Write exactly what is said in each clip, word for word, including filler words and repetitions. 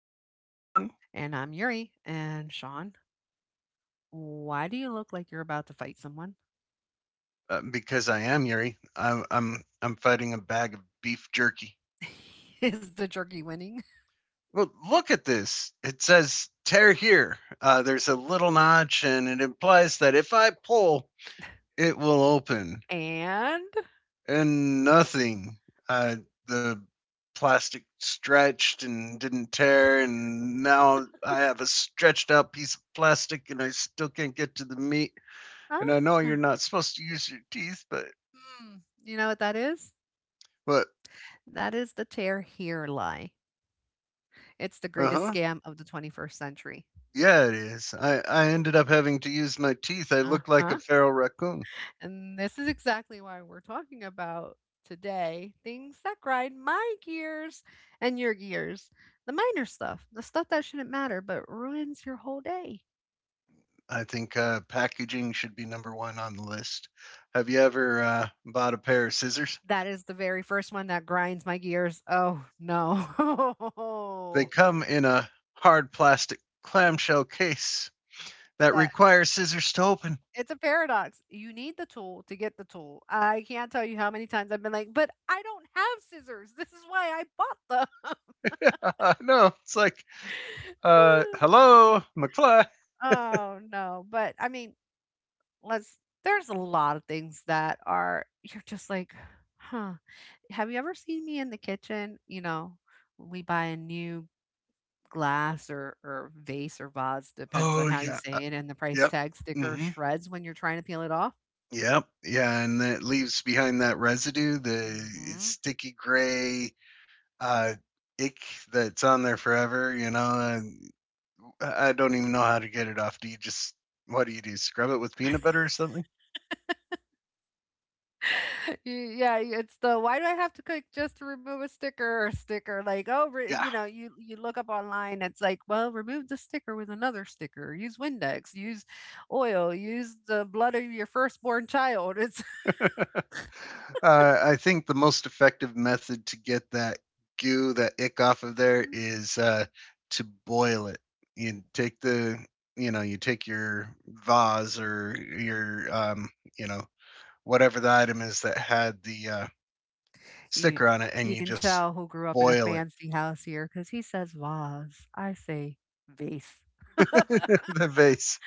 I'm Sean. And I'm Yuri. And Sean, why do you look like you're about to fight someone? Uh, because I am Yuri. I'm, I'm I'm fighting a bag of beef jerky. Is the jerky winning? Well, look at this. It says tear here. Uh, there's a little notch and it implies that if I pull, it will open And and nothing. Uh, the plastic stretched and didn't tear and now I have a stretched out piece of plastic and I still can't get to the meat. And I ah, know you're not supposed to use your teeth, but hmm, you know what that is? but That is the tear here lie. It's the uh greatest huh. scam of the twenty-first century. Yeah, it is. I I ended up having to use my teeth. I Uh look like a huh. feral raccoon. And this is exactly why we're talking about today things that grind my gears and your gears. The minor stuff, the stuff that shouldn't matter but ruins your whole day. I think uh, packaging should be number one on the list. Have you ever uh, bought a pair of scissors? That is the very first one that grinds my gears. Oh They no. come in a hard plastic clamshell case that that requires scissors to open. It's a paradox. You need the tool to get the tool. I can't tell you how many times I've been like, but I don't have scissors. This is why I bought them. no, it's like, uh, Hello, McFly. Oh no. But I mean, let's there's a lot of things that are you're just like, huh. Have you ever seen me in the kitchen? You know, we buy a new glass or or vase or vase, depends on Oh how you yeah, uh, say it, and the price yep. tag sticker hmm shreds when you're trying to peel it off. Yep. Yeah, and it leaves behind that residue, the Mhm. sticky gray uh, ick that's on there forever. You know, and I I don't even know how to get it off. Do you just what do you do? Scrub it with peanut butter or something? Y Yeah, y- it's the, "Why do I have to click just to remove a sticker?" sticker, like, "Oh, re" Yeah. you know, you you look up online, it's like, "Well, remove the sticker with another sticker, use Windex, use oil, use the blood of your firstborn child." It's uh, I think the most effective method to get that goo, that ick off of there, Mhm. is uh, to boil it. You take the, you know, you take your vase or your, um, you know, whatever the item is that had the uh, You sticker on it, and you you can just tell who grew up in a boil it. fancy house here because he says "vase," I say "vase." The vase.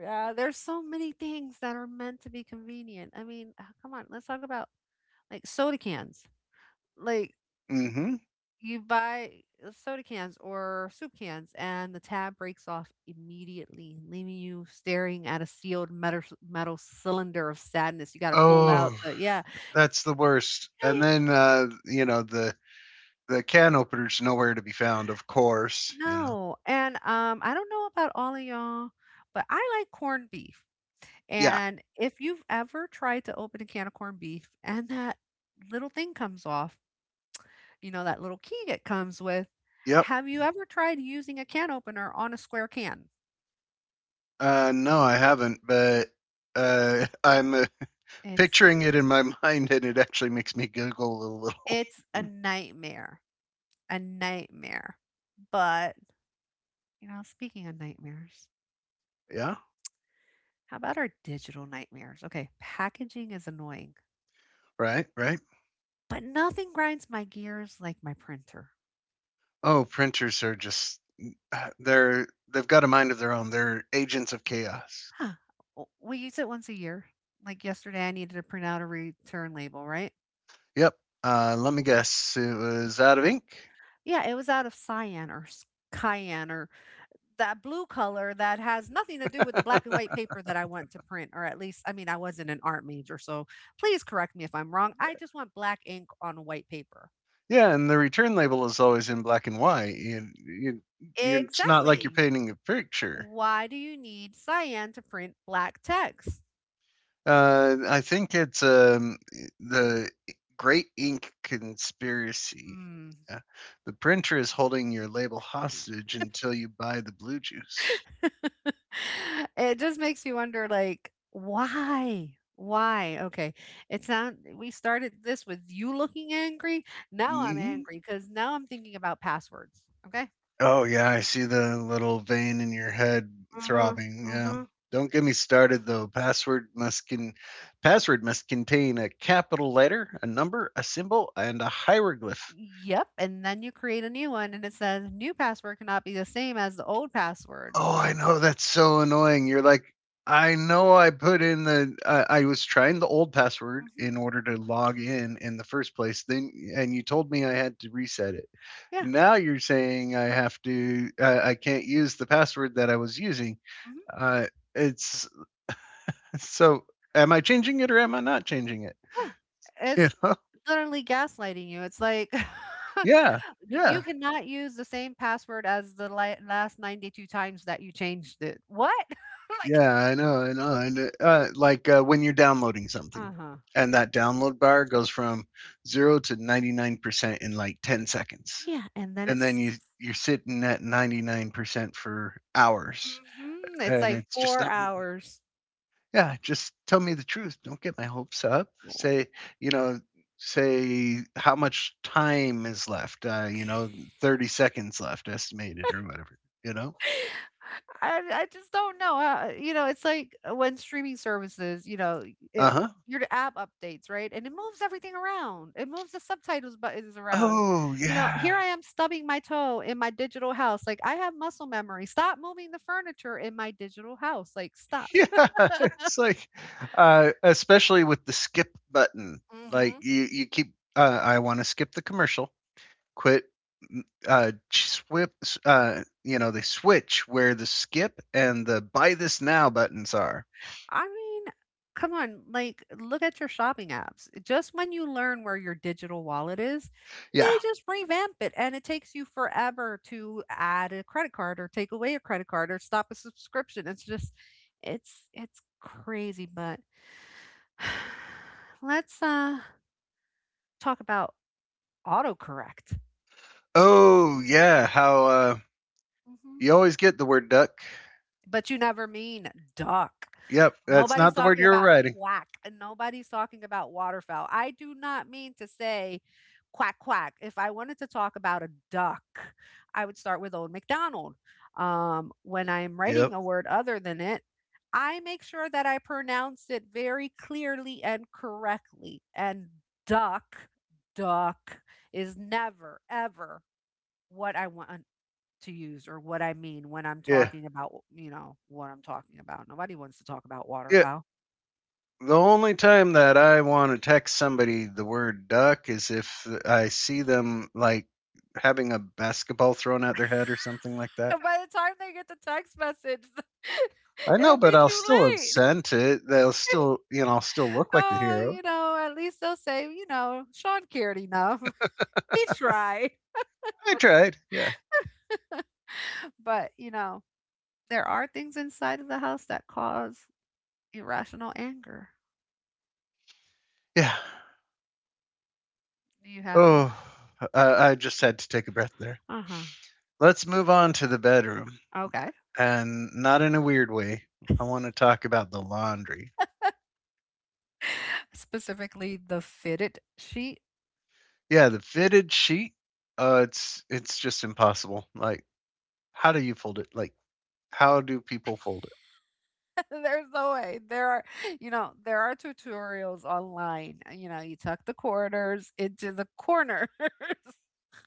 Yeah, there's so many things that are meant to be convenient. I mean, ah, come on, let's talk about like soda cans. Like Mm-hmm. you buy uh, soda cans or soup cans, and the tab breaks off immediately, leaving you staring at a sealed metal metal cylinder of sadness. You got to pull out Oh, the yeah. that's the worst. And I- then uh, you know the the can opener's nowhere to be found. Of course, you know. No, and um, I don't know about all of y'all, but I like corned beef. Yeah. And if you've ever tried to open a can of corned beef and that little thing comes off, you know, that little key it comes with. Yep. Have you ever tried using a can opener on a square can? Uh, no, I haven't, but uh, I'm uh, It's picturing it in my mind, and it actually makes me giggle a little. It's a nightmare, a nightmare. But, you know, speaking of nightmares, Yeah. how about our digital nightmares? Okay, packaging is annoying, Right. Right. but nothing grinds my gears like my printer. Oh, printers are just uh, they're they've got a mind of their own. They're agents of chaos. Huh. w- We use it once a year. Like yesterday, I needed to print out a return label, right? Yep. Uh, let me guess. It was out of ink. Yeah, it was out of cyan or s- cayenne or that blue color that has nothing to do with the black and white paper that I want to print, or at least, I mean, I wasn't an art major, so please correct me if I'm wrong. I just want black ink on white paper. Yeah, and the return label is always in black and white. You, you, you, it's not like you're Exactly. painting a picture. Why do you need cyan to print black text? Uh, I think it's um, the Great Ink Conspiracy. Hmm. Yeah. The printer is holding your label hostage until you buy the blue juice. It just makes you wonder, like, why? Why? Okay. It sound we started this with you looking angry. Now I'm Mhm. angry because now I'm thinking about passwords. Okay. Oh yeah, I see the little vein in your head throbbing. Yeah. Mm-hmm. Don't get me started though. Password must can password must contain a capital letter, a number, a symbol, and a hieroglyph. Yep. And then you create a new one and it says new password cannot be the same as the old password. Oh, I know that's so annoying. You're like, I know I put in the I I was trying the old password Hmm. in order to log in in the first place. Then and you told me I had to reset it. Yeah. Now you're saying I have to I, I can't use the password that I was using. Hmm. Uh it's So, am I changing it or am I not changing it? Yeah. You It's know? literally gaslighting you. It's like Yeah, you yeah, cannot use the same password as the li- last ninety-two times that you changed it. What? like, yeah. I know, I know. And uh, uh, like uh, when you're downloading something, uh huh, and that download bar goes from zero to ninety-nine percent in like ten seconds, yeah. And then and then it's, you you're sitting at ninety-nine percent for hours, hmm, it's and like it's just four not hours. Yeah, just tell me the truth. Don't get my hopes up. Say, you know, say how much time is left. Uh, you know, thirty seconds left estimated or whatever, you know? I I just don't know how you know, it's like uh, when streaming services, you know, it Uh-huh. your app updates, right? And it moves everything around. It moves the subtitles buttons around. Oh, You know, yeah. here I am stubbing my toe in my digital house. Like I have muscle memory. Stop moving the furniture in my digital house. Like stop. Yeah. It's like uh especially with the skip button. Like Hmm. you you keep uh I want to skip the commercial. Quit m- uh swip s- uh You know, they switch where the skip and the buy this now buttons are. I mean, come on, like look at your shopping apps. Just when you learn where your digital wallet is, Yeah. they just revamp it and it takes you forever to add a credit card or take away a credit card or stop a subscription. It's just it's it's crazy, but let's uh talk about autocorrect. Oh yeah, how uh, Mhm. you always get the word duck. But you never mean duck. Yep, that's Nobody's not the word talking you were about writing. quack, and nobody's talking about waterfowl. I do not mean to say quack quack. If I wanted to talk about a duck, I would start with Old MacDonald. Um, when I'm Yep. writing a word other than it, I make sure that I pronounce it very clearly and correctly. And duck, duck is never, ever what I want to use or what I mean when I'm Yeah. talking about, you know, what I'm talking about. Nobody wants to talk about Yeah. waterfowl. The only time that I want to text somebody the word duck is if I see them like having a basketball thrown at their head or something like that. By the time they get the text message, I know, it'll but be I'll too still have late. sent it. They'll still, you know, I'll still look like the Oh, hero. you know, at least they'll say, you know, Sean cared enough. He tried. I tried. Yeah. But, you know, there are things inside of the house that cause irrational anger. Yeah. Do you have 'em? Oh, I, I just had to take a breath there. Uh-huh. Let's move on to the bedroom. Okay. And not in a weird way. I want to talk about the laundry. Specifically the fitted sheet. Yeah, the fitted sheet. Uh, it's it's just impossible. Like, how do you fold it? Like, how do people fold There's no way. There are, you know, there are tutorials online. uh, You know, you tuck the quarters into the corners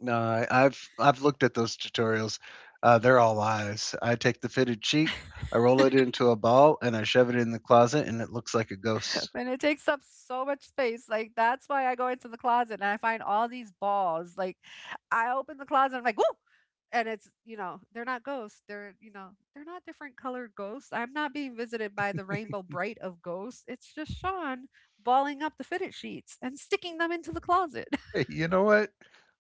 it? No, I, I've I've looked at those tutorials. Uh, they're all lies. I take the fitted sheet, I roll it into a ball, and I shove it in the closet, and it looks like a ghost. and it takes up so much space. Like, that's why I go into the closet and I find all these balls. Like, I open the closet, I'm like, woo! And it's, you know, they're not ghosts. They're, you know, they're not different colored ghosts. I'm not being visited by the rainbow bright of ghosts. It's just Sean balling up the fitted sheets and sticking them into the closet. Hey, you know what?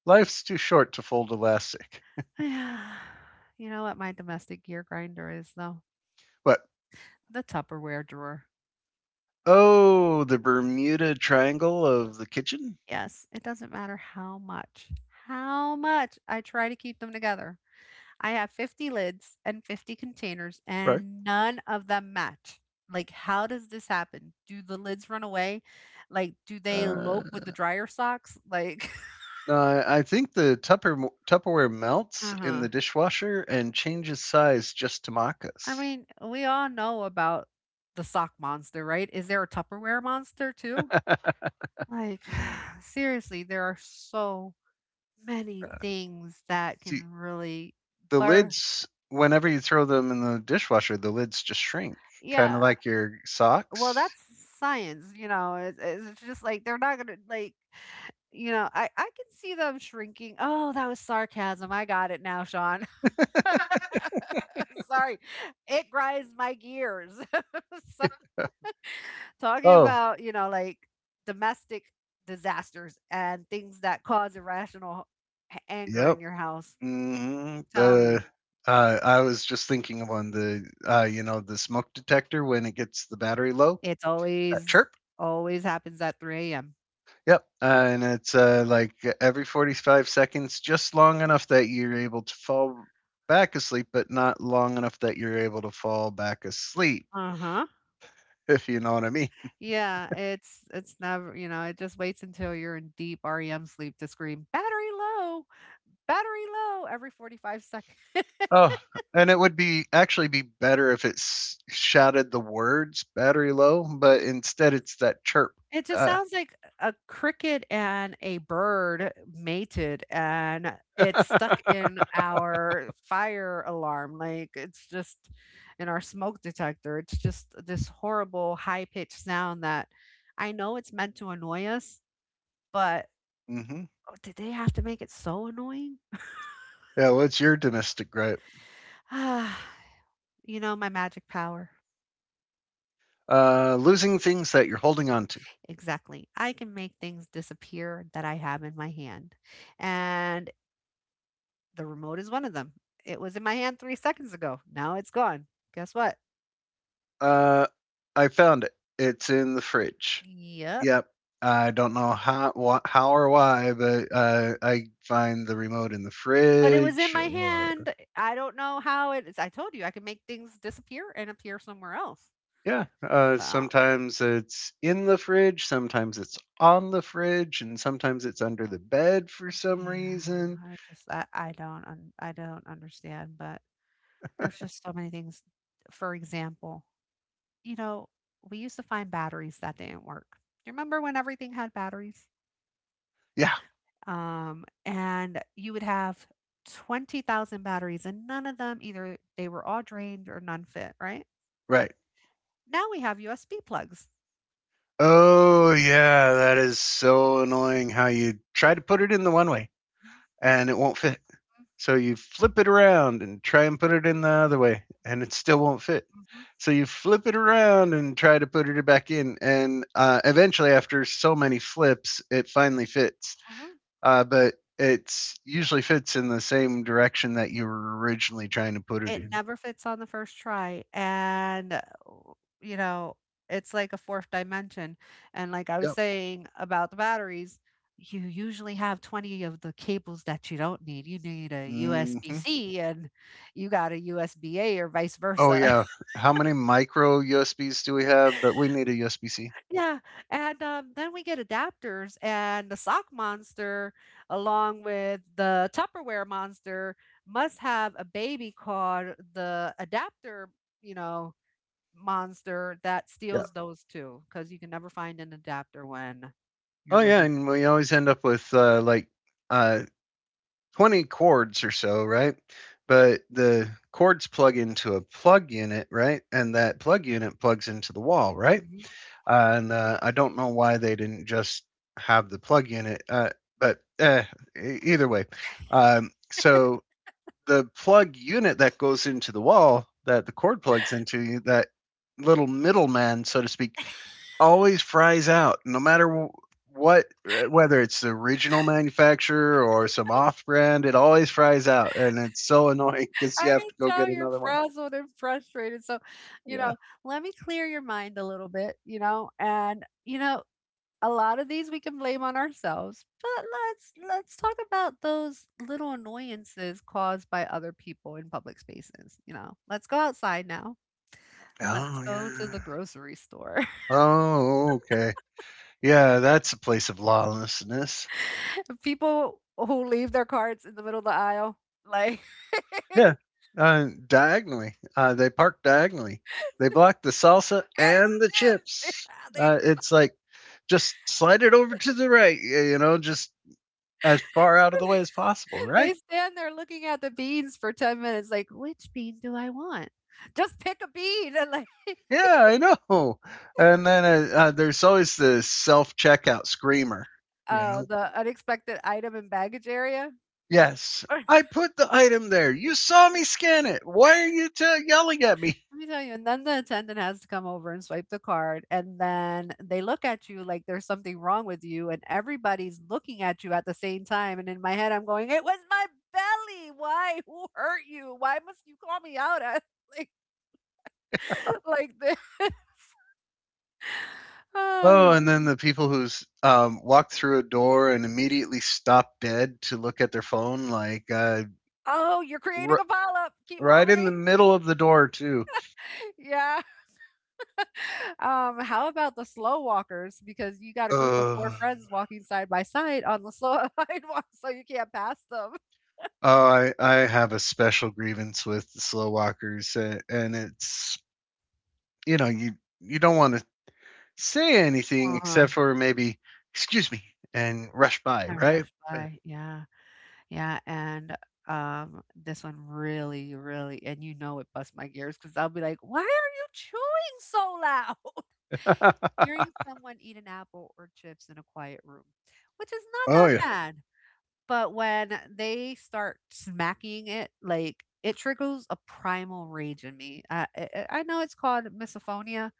Life's too short to fold elastic. Yeah. You know what my domestic gear grinder is though? But The Tupperware drawer. oh, the Bermuda Triangle of the kitchen. Yes, it doesn't matter how much, how much I try to keep them together. I have fifty lids and fifty containers, Right. and none of them match. Like, how does this happen? Do the lids run away? Like, do they Uh, elope with the dryer socks? Like, Uh, I think the Tupper, Tupperware melts uh in huh. the dishwasher and changes size just to mock I us. mean, we all know about the sock monster, right? Is there a Tupperware monster too? Like, seriously, there are so many things that can See, really the birth. lids, whenever you throw them in the dishwasher, the lids just shrink, kind of Yeah. like your Well, socks. that's science, you know. It's, it's just like they're not going to, like, you know, I, I can see them shrinking. Oh, that was sarcasm. I got it now, Sean. Sorry. It grinds my gears. So, talking Oh, about, you know, like domestic disasters and things that cause irrational h- anger Yep. in your house. hmm Tell me. The uh, I was just thinking of one. The uh, You know the smoke detector when it gets the battery low, It's that always chirp. always happens at three a m. Yep, uh, and it's uh, like every forty-five seconds, just long enough that you're able to fall back asleep, but not long enough that you're able to fall back asleep, Uh-huh. if you know what I mean. Yeah, it's it's never you know, it just waits until you're in deep REM sleep to scream, "Battery low, battery low," every forty-five seconds. Oh, and it would be actually be better if it s- shouted the words battery low, but instead it's that chirp. It just Uh, sounds like a cricket and a bird mated, and it's stuck in our fire alarm, like, it's just in our smoke detector, it's just this horrible high-pitched sound that I know it's meant to annoy us, but hmm oh, did they have to make it so annoying? Yeah, what's your domestic gripe? Ah, you know, my magic power. Uh, losing things that you're holding on to. Exactly. I can make things disappear that I have in my hand. And the remote is one of them. It was in my hand three seconds ago. Now it's gone. Guess what? Uh, I found it. It's in the fridge. Yep. Yep. I don't know how wha how or why, but, uh, I find the remote in the But it was in fridge my or hand. I don't know how it is. I told you I can make things disappear and appear somewhere else. yeah, uh, So sometimes it's in the fridge, sometimes it's on the fridge, and sometimes it's under the bed for some reason. yeah, I just I, I don't un, I don't understand, but there's just so many things. For example, you know, we used to find batteries that didn't work. You remember when everything had batteries? Yeah, Um, and you would have twenty thousand batteries and none of them either they were all drained or none fit, right? right. Now we have U S B plugs. Oh, yeah, that is so annoying how you try to put it in the one way Mhm, and it won't fit. So you flip it around and try and put it in the other way, mhm, and it still won't fit. mhm, So you flip it around and try to put it back in, and uh, eventually, after so many flips, it finally fits. mhm. Uh, but it's usually fits in the same direction that you were originally trying to put it It in. never fits on the first try, and, uh, you know, it's like a fourth dimension, and like I was Yep. saying about the batteries, you usually have twenty of the cables that you don't need. You need a hmm U S B-C and you got a U S B-A or vice Oh versa. yeah. How many micro U S Bs do we have? But we need a U S B C. Yeah, and, um, then we get adapters and the sock monster along with the Tupperware monster must have a baby called the adapter, you know, monster that Yeah. steals those two because you can never find an adapter when you're Oh yeah, looking. and we always end up with uh, like uh, twenty cords or so, right? But the cords plug into a plug unit, right? And that plug unit plugs into the wall, right? Mhm. Uh, and uh, I don't know why they didn't just have the plug unit, uh, but uh, e- either way. Um, so the plug unit that goes into the wall that the cord plugs into, that little middleman, so to speak, always fries out, no matter what, uh, whether it's the original manufacturer or some off brand, it always fries out. And it's so annoying because you I have can to go tell get you're another one. frazzled and frustrated. So, you Yeah. know, let me clear your mind a little bit, you know, and you know, a lot of these we can blame on ourselves, but let's let's talk about those little annoyances caused by other people in public spaces, you know. Let's go outside now. Let's Oh, go to the yeah. grocery store. Oh, okay. Yeah, that's a place of lawlessness. People who leave their cards in the middle of the aisle, like and Yeah. Uh, diagonally. Uh, they park diagonally. They block the salsa the and the chips. chips. Yeah, they Uh, it's like just slide it over to the right, you know, just as far out of do. the way as possible, right? They stand there looking at the beans for ten minutes, like, which bean do I want? Just pick a bean and like Yeah, I know. And then uh, uh, there's always the self checkout screamer, you oh, know? the unexpected item and baggage area. Yes, I put the item there. You saw me scan it. Why are you t- yelling at me? Let me tell you, and then the attendant has to come over and swipe the card, and then they look at you like there's something wrong with you, and everybody's looking at you at the same time. And in my head, I'm going, "It was my belly. Why? Who hurt you? Why must you call me out at like, like this?" Oh, Ah, and then the people who's um, walked through a door and immediately stop dead to look at their phone, like uh, oh, you're creating r- a polyp. Keep right in the moving. middle of the door, too. Yeah. Um, how about the slow walkers? Because you got a Uh, group of four oh, friends walking side by side on the slow sidewalk, so you can't pass them. I, I have a special grievance with the slow walkers, uh, and it's, you know, you, you don't want to say anything Uh-huh. except for maybe "excuse me" and rush by, And right? rushed by, yeah, yeah, and, um, this one really, really and you know it busts my gears because 'cause I'll be like, "Why are you chewing so loud?" Hearing someone eat an apple or chips in a quiet room, which is not oh that yeah. bad, but when they start smacking it, like, it triggers a primal rage in me. uh, I I I know it's called misophonia,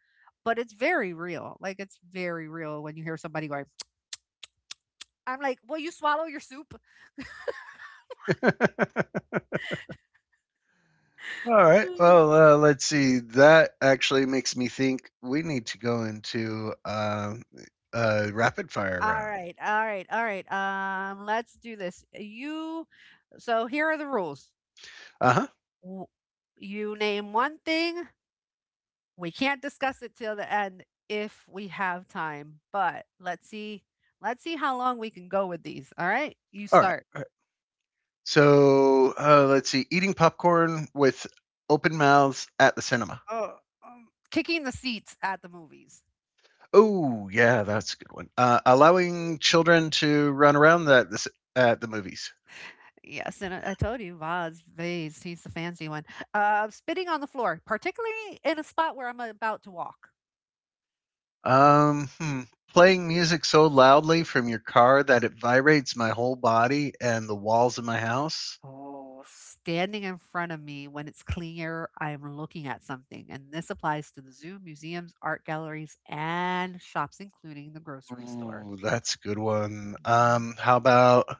but it's very real, like, it's very real when you hear somebody going, "I'm like, will you swallow your soup?" All right. Well, uh, let's see. That actually makes me think we need to go into uh, a rapid fire All round. right, all right, all right. Um, let's do this. You, so here are the rules. Uh huh. W- You name one thing. We can't discuss it till the end if we have time, but let's see, let's see how long we can go with these. All right, you All right. start. All right. So uh, let's see. Eating popcorn with open mouths at the cinema. Oh, um, kicking the seats at the movies. Oh yeah, that's a good one. Uh, allowing children to run around that at the movies. Yes, and I I told you, Vaz, Vaz, he's the fancy one. Uh, spitting on the floor, particularly in a spot where I'm about to walk. Um, hmm, Playing music so loudly from your car that it vibrates my whole body and the walls of my house. Oh, standing in front of me when it's clear I'm looking at something. And this applies to the zoo, museums, art galleries, and shops, including the grocery store. Ooh, that's a good one. Mhm. Um, how about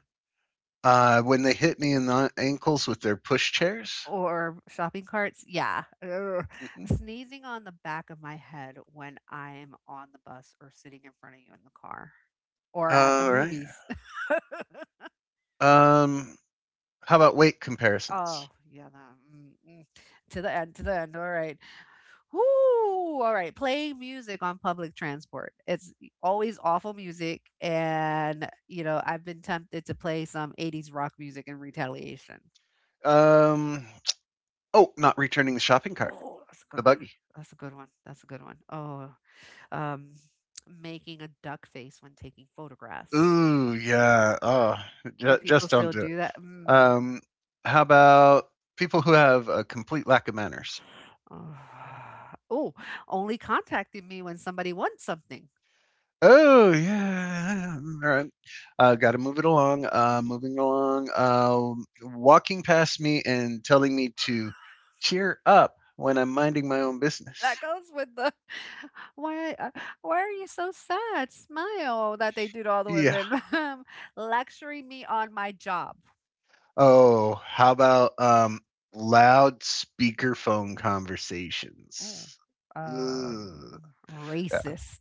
uh when they hit me in the ankles with their push chairs? Or shopping carts. Yeah. Ugh. Mhm. Sneezing on the back of my head when I'm on the bus or sitting in front of you in the car or at the All right. movies. Um, how about weight comparisons? Oh, yeah. No, mm, mm. To the end, to the end. All right. Woo! All right. Playing music on public transport. It's always awful music. And, you know, I've been tempted to play some eighties rock music in retaliation. Um, oh, not returning the shopping cart, Oh, that's a the good one. buggy. That's a good one. That's a good one. Oh, um, making a duck face when taking photographs. Ooh, yeah. Oh, Do ju- people just don't still do it. do that? Mm. Um, how about people who have a complete lack of manners? Oh, oh, only contacting me when somebody wants something. Oh, yeah. All right. Uh, got to move it along. Uh, moving along. Uh, walking past me and telling me to cheer up when I'm minding my own business. That goes with the why uh, why are you so sad? Smile that they do to all the Yeah. women. Lecturing me on my job. Oh, how about um, loud speakerphone Oh, conversations? Ugh. um, Yeah. racist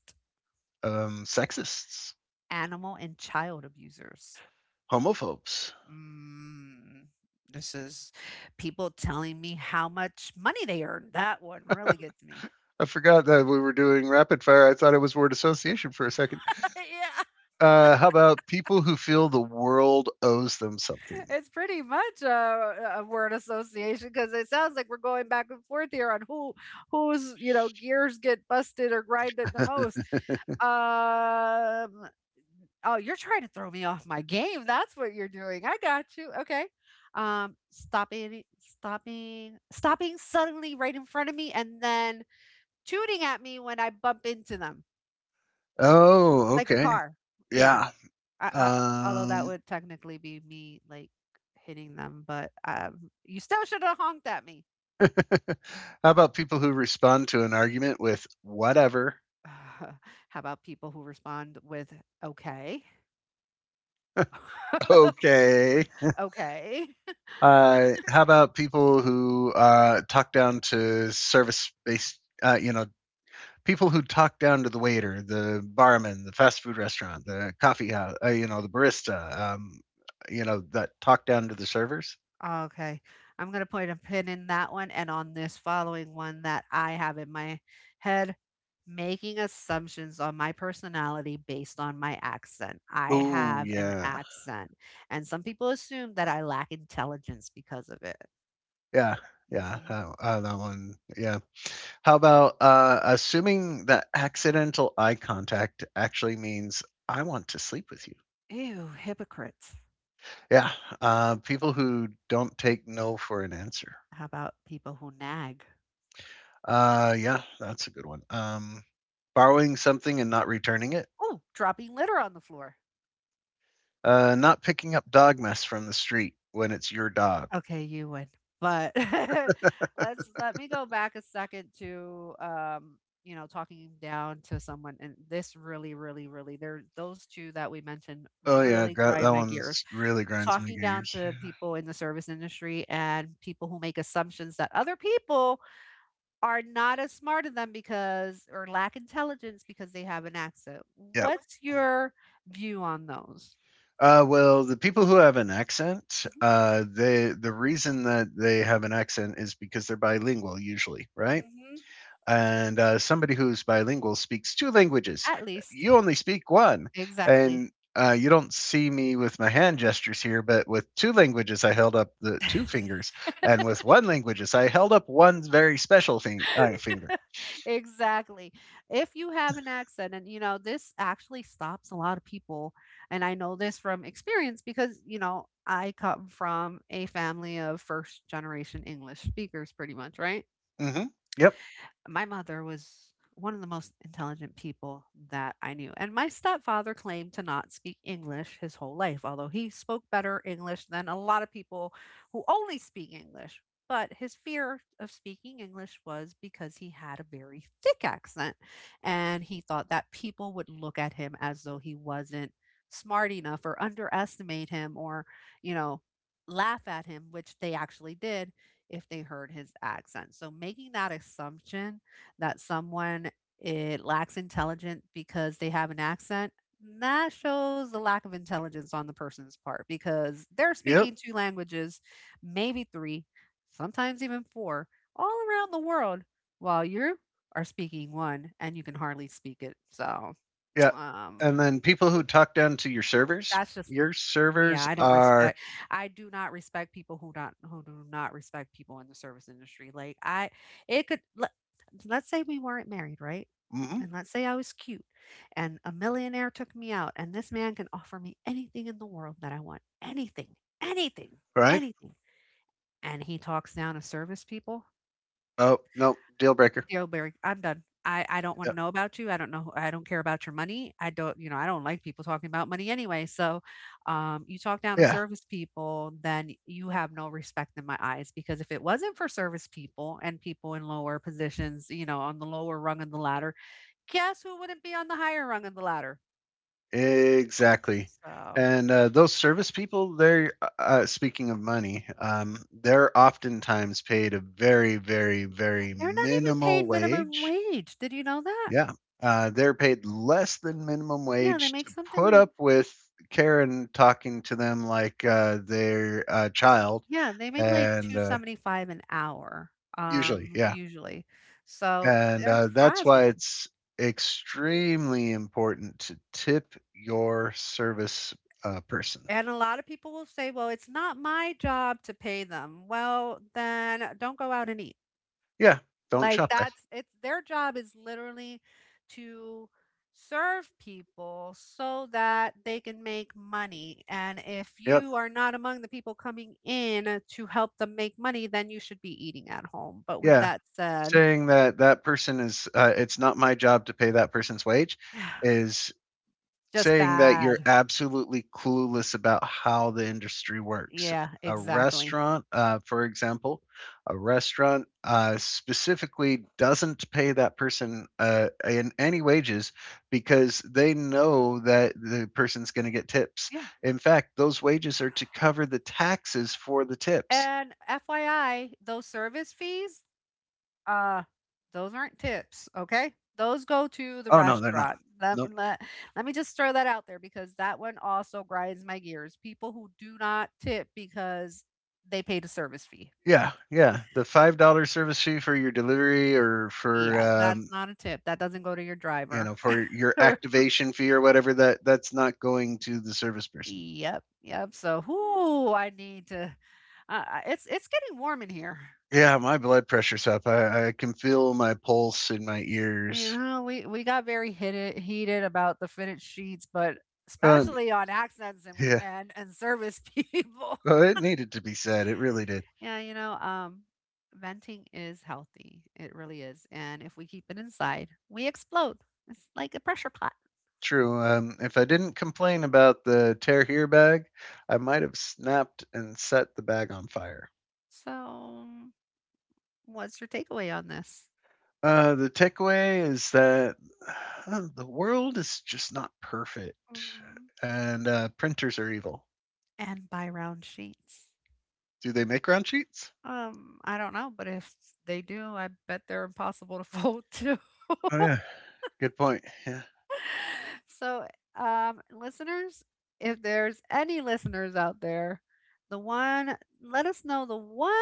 Um, sexists, animal and child abusers. homophobes. Mm, this is people telling me how much money they earn. That one really gets me. I forgot that we were doing rapid fire. I thought it was word association for a second. Yeah. Uh, how about people who feel the world owes them something? It's pretty much a, a word association because it sounds like we're going back and forth here on who whose you know gears get busted or grinded the most. Um, oh, you're trying to throw me off my game. That's what you're doing. I got you. Okay. Um, stopping, stopping, stopping suddenly right in front of me, and then tooting at me when I bump into them Oh, like a okay. car. Yeah. Yeah. I, I, although that Um, would technically be me like hitting them, but um, you still should have honked at me. how about people who respond to an argument with whatever? How about people who respond with okay, Okay. okay, Uh, how about people who uh, talk down to service based, uh, you know, people who talk down to the waiter, the barman, the fast food restaurant, the coffee house, uh, you know, the barista, um, you know, that talk down to the servers? okay? I'm gonna put a pin in that one and on this following one that I have in my head. Making assumptions on my personality based on my accent. I Oh, have an yeah. accent, and some people assume that I lack intelligence because of it. Yeah, yeah, Hmm. that uh, that one, yeah. How about, uh, assuming that accidental eye contact actually means, "I want to sleep with you." Ew, hypocrites. Yeah, uh, people who don't take no for an answer. How about people who nag? Uh, yeah, that's a good one. Um, borrowing something and not returning it. Oh, dropping litter on the floor. Uh, not picking up dog mess from the street when it's your dog. Okay, you win. But let's let me go back a second to um you know talking down to someone and this really really really there those two that we mentioned Oh, yeah, really gr that grind my gears one's really grinds my talking down gears, to yeah. people in the service industry and people who make assumptions that other people are not as smart as them because or lack intelligence because they have an accent. Yep. What's your view on those? Uh, well, the people who have an accent, uh, they the reason that they have an accent is because they're bilingual usually, right? Hmm. And uh, somebody who's bilingual speaks two languages. At least. You only speak one, Exactly. and uh, you don't see me with my hand gestures here, but with two languages, I held up the two fingers, and with one languages, I held up one very special thing, uh, finger. Exactly. If you have an accent, and you know, this actually stops a lot of people. And I know this from experience because, you know, I come from a family of first generation English speakers, pretty much, right? Hmm. Yep, My mother was one of the most intelligent people that I knew. And my stepfather claimed to not speak English his whole life, although he spoke better English than a lot of people who only speak English. But his fear of speaking English was because he had a very thick accent. And he thought that people would look at him as though he wasn't smart enough or underestimate him or, you know, laugh at him, which they actually did if they heard his accent. So making that assumption that someone it lacks intelligence because they have an accent, that shows the lack of intelligence on the person's part because they're yep, speaking two languages, maybe three, sometimes even four, all around the world, while you are speaking one and you can hardly speak it. So, yeah. um, And then people who talk down to your servers, that's just your yeah, servers I don't are. respect I do not respect people who not who do not respect people in the service industry. Like I it could let, let's say we weren't married, right? Mhm. And let's say I was cute and a millionaire took me out and this man can offer me anything in the world that I want. Anything. Anything. Right? Anything. And he talks down to service people. Oh, no, deal breaker. Deal Barry, I'm done. I, I don't want to Yep. know about you. I don't know. I don't care about your money. I don't, you know, I don't like people talking about money anyway. So, um, you talk down to Yeah, service people, then you have no respect in my eyes. Because if it wasn't for service people and people in lower positions, you know, on the lower rung of the ladder, guess who wouldn't be on the higher rung of the ladder? exactly. So, And uh, those service people, they're uh, uh, speaking of money, um, they're oftentimes paid a very, very, very they're not even minimal paid minimum wage. wage. Did you know that? Yeah, uh, they're paid less than minimum Yeah, they wage make to something put like up with Karen talking to them like uh, their uh, child, yeah, they make like and uh, two seventy-five an hour, usually, um, yeah. usually. So And, they're uh, that's why frazzled. it's extremely important to tip your service, uh, person. And a lot of people will say, "Well, it's not my job to pay them." Well, then don't go out and eat. Yeah, don't Like shop there. that's it's their job is literally to serve people so that they can make money. And if Yep, you are not among the people coming in to help them make money, then you should be eating at home. But with yeah. that said, Saying that that person is, uh, "It's not my job to pay that person's wage," is just saying that you're bad. absolutely clueless about how the industry works. Yeah, A exactly. restaurant, uh, for example, a restaurant uh, specifically doesn't pay that person uh, in any wages because they know that the person's going to get tips. Yeah. In fact, those wages are to cover the taxes for the tips. And F Y I, those service fees, uh, those aren't tips, okay? Those go to the Oh no, they're not. restaurant. Let, Nope. let, let me just throw that out there because that one also grinds my gears. People who do not tip because they paid a service fee. Yeah, yeah. The five dollar service fee for your delivery or for Yeah, that's um, not a tip. That doesn't go to your you driver. know, for your activation fee or whatever, that that's not going to the service person. Yep, yep. So, whoo, I need to. Uh, uh, it's it's getting warm in here. Yeah, my blood pressure's up. i, I can feel my pulse in my You ears, know, we we got very heated heated about the fitted sheets, but but especially on accents and yeah, and, and service people. well it needed to be said, it really did. Yeah, you know, um, venting is healthy. It really is, and if we keep it inside, we explode. It's like a pressure pot. True. Um if I didn't complain about the tear here bag, I might have snapped and set the bag on fire. So, what's your takeaway on this? Uh the takeaway is that uh, the world is just not perfect, Mm, and uh printers are evil. and buy round sheets. Do they make round sheets? Um, I don't know, but if they do, I bet they're impossible to fold too. Oh, yeah. Good point. Yeah. So, um, listeners, if there's any listeners out there, the one, let us know the one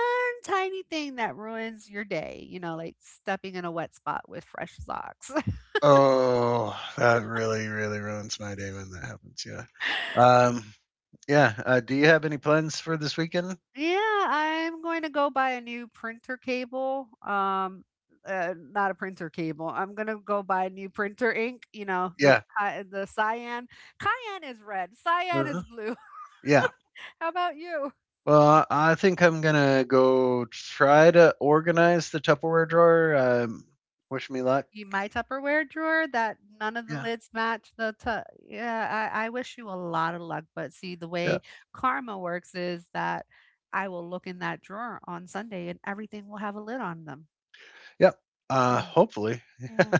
tiny thing that ruins your day, you know, like stepping in a wet spot with fresh socks. Oh, that really, really ruins my day when that happens. Yeah. Um, yeah. Uh, do you have any plans for this weekend? Yeah, I'm going to go buy a new printer cable. Um, uh, not a printer cable. I'm gonna go buy new printer ink. You know the Yeah. ki- the cyan. Cayenne is red. Cyan is Mhm. blue. Yeah. How about you? Well, I think I'm gonna go try to organize the Tupperware drawer. Um, wish me luck. Y my Tupperware drawer that none of the Yeah. lids match the tu yeah, I I wish you a lot of luck, but see, the Yeah. way karma works is that I will look in that drawer on Sunday and everything will have a lid on them. Yep. Uh, Yeah. hopefully. Yeah.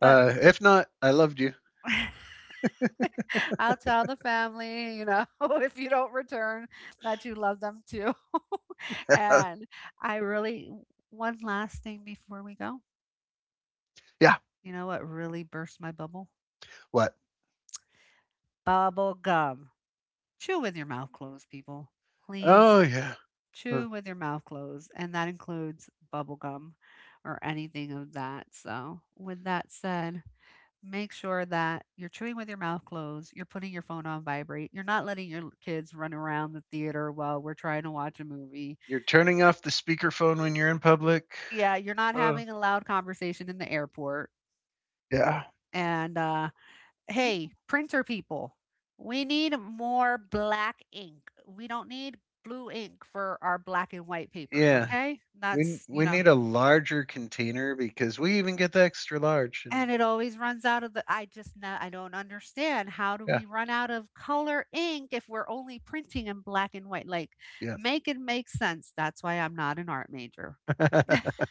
But Uh, if not, I loved you. I'll tell the family, you know, if you don't return that you love them too. And I really one last thing before we go. Yeah. You know what really burst my bubble? What? Bubble gum. Chew with your mouth closed, people. Please Oh, yeah. Uh, chew with your mouth closed. And that includes bubble gum or anything of that. So, with that said, make sure that you're chewing with your mouth closed, you're putting your phone on vibrate, you're not letting your kids run around the theater while we're trying to watch a movie. You're turning off the speakerphone when you're in public. Yeah, you're not Uh, having a loud conversation in the airport. yeah. And uh, hey, printer people, we need more black ink. We don't need blue ink for our black and white papers, Yeah. okay? We That's, you we know, need a larger container because we even get the extra large and and it always runs out of the I just not, I don't understand how do yeah, we run out of color ink if we're only printing in black and white? Like yeah. make it make sense. That's why I'm not an art major.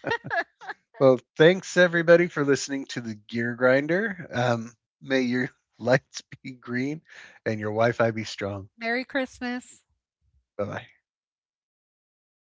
Well, thanks everybody for listening to the Gear Grinder. Um, may your lights be green and your Wi-Fi be strong. Merry Christmas. Bye bye.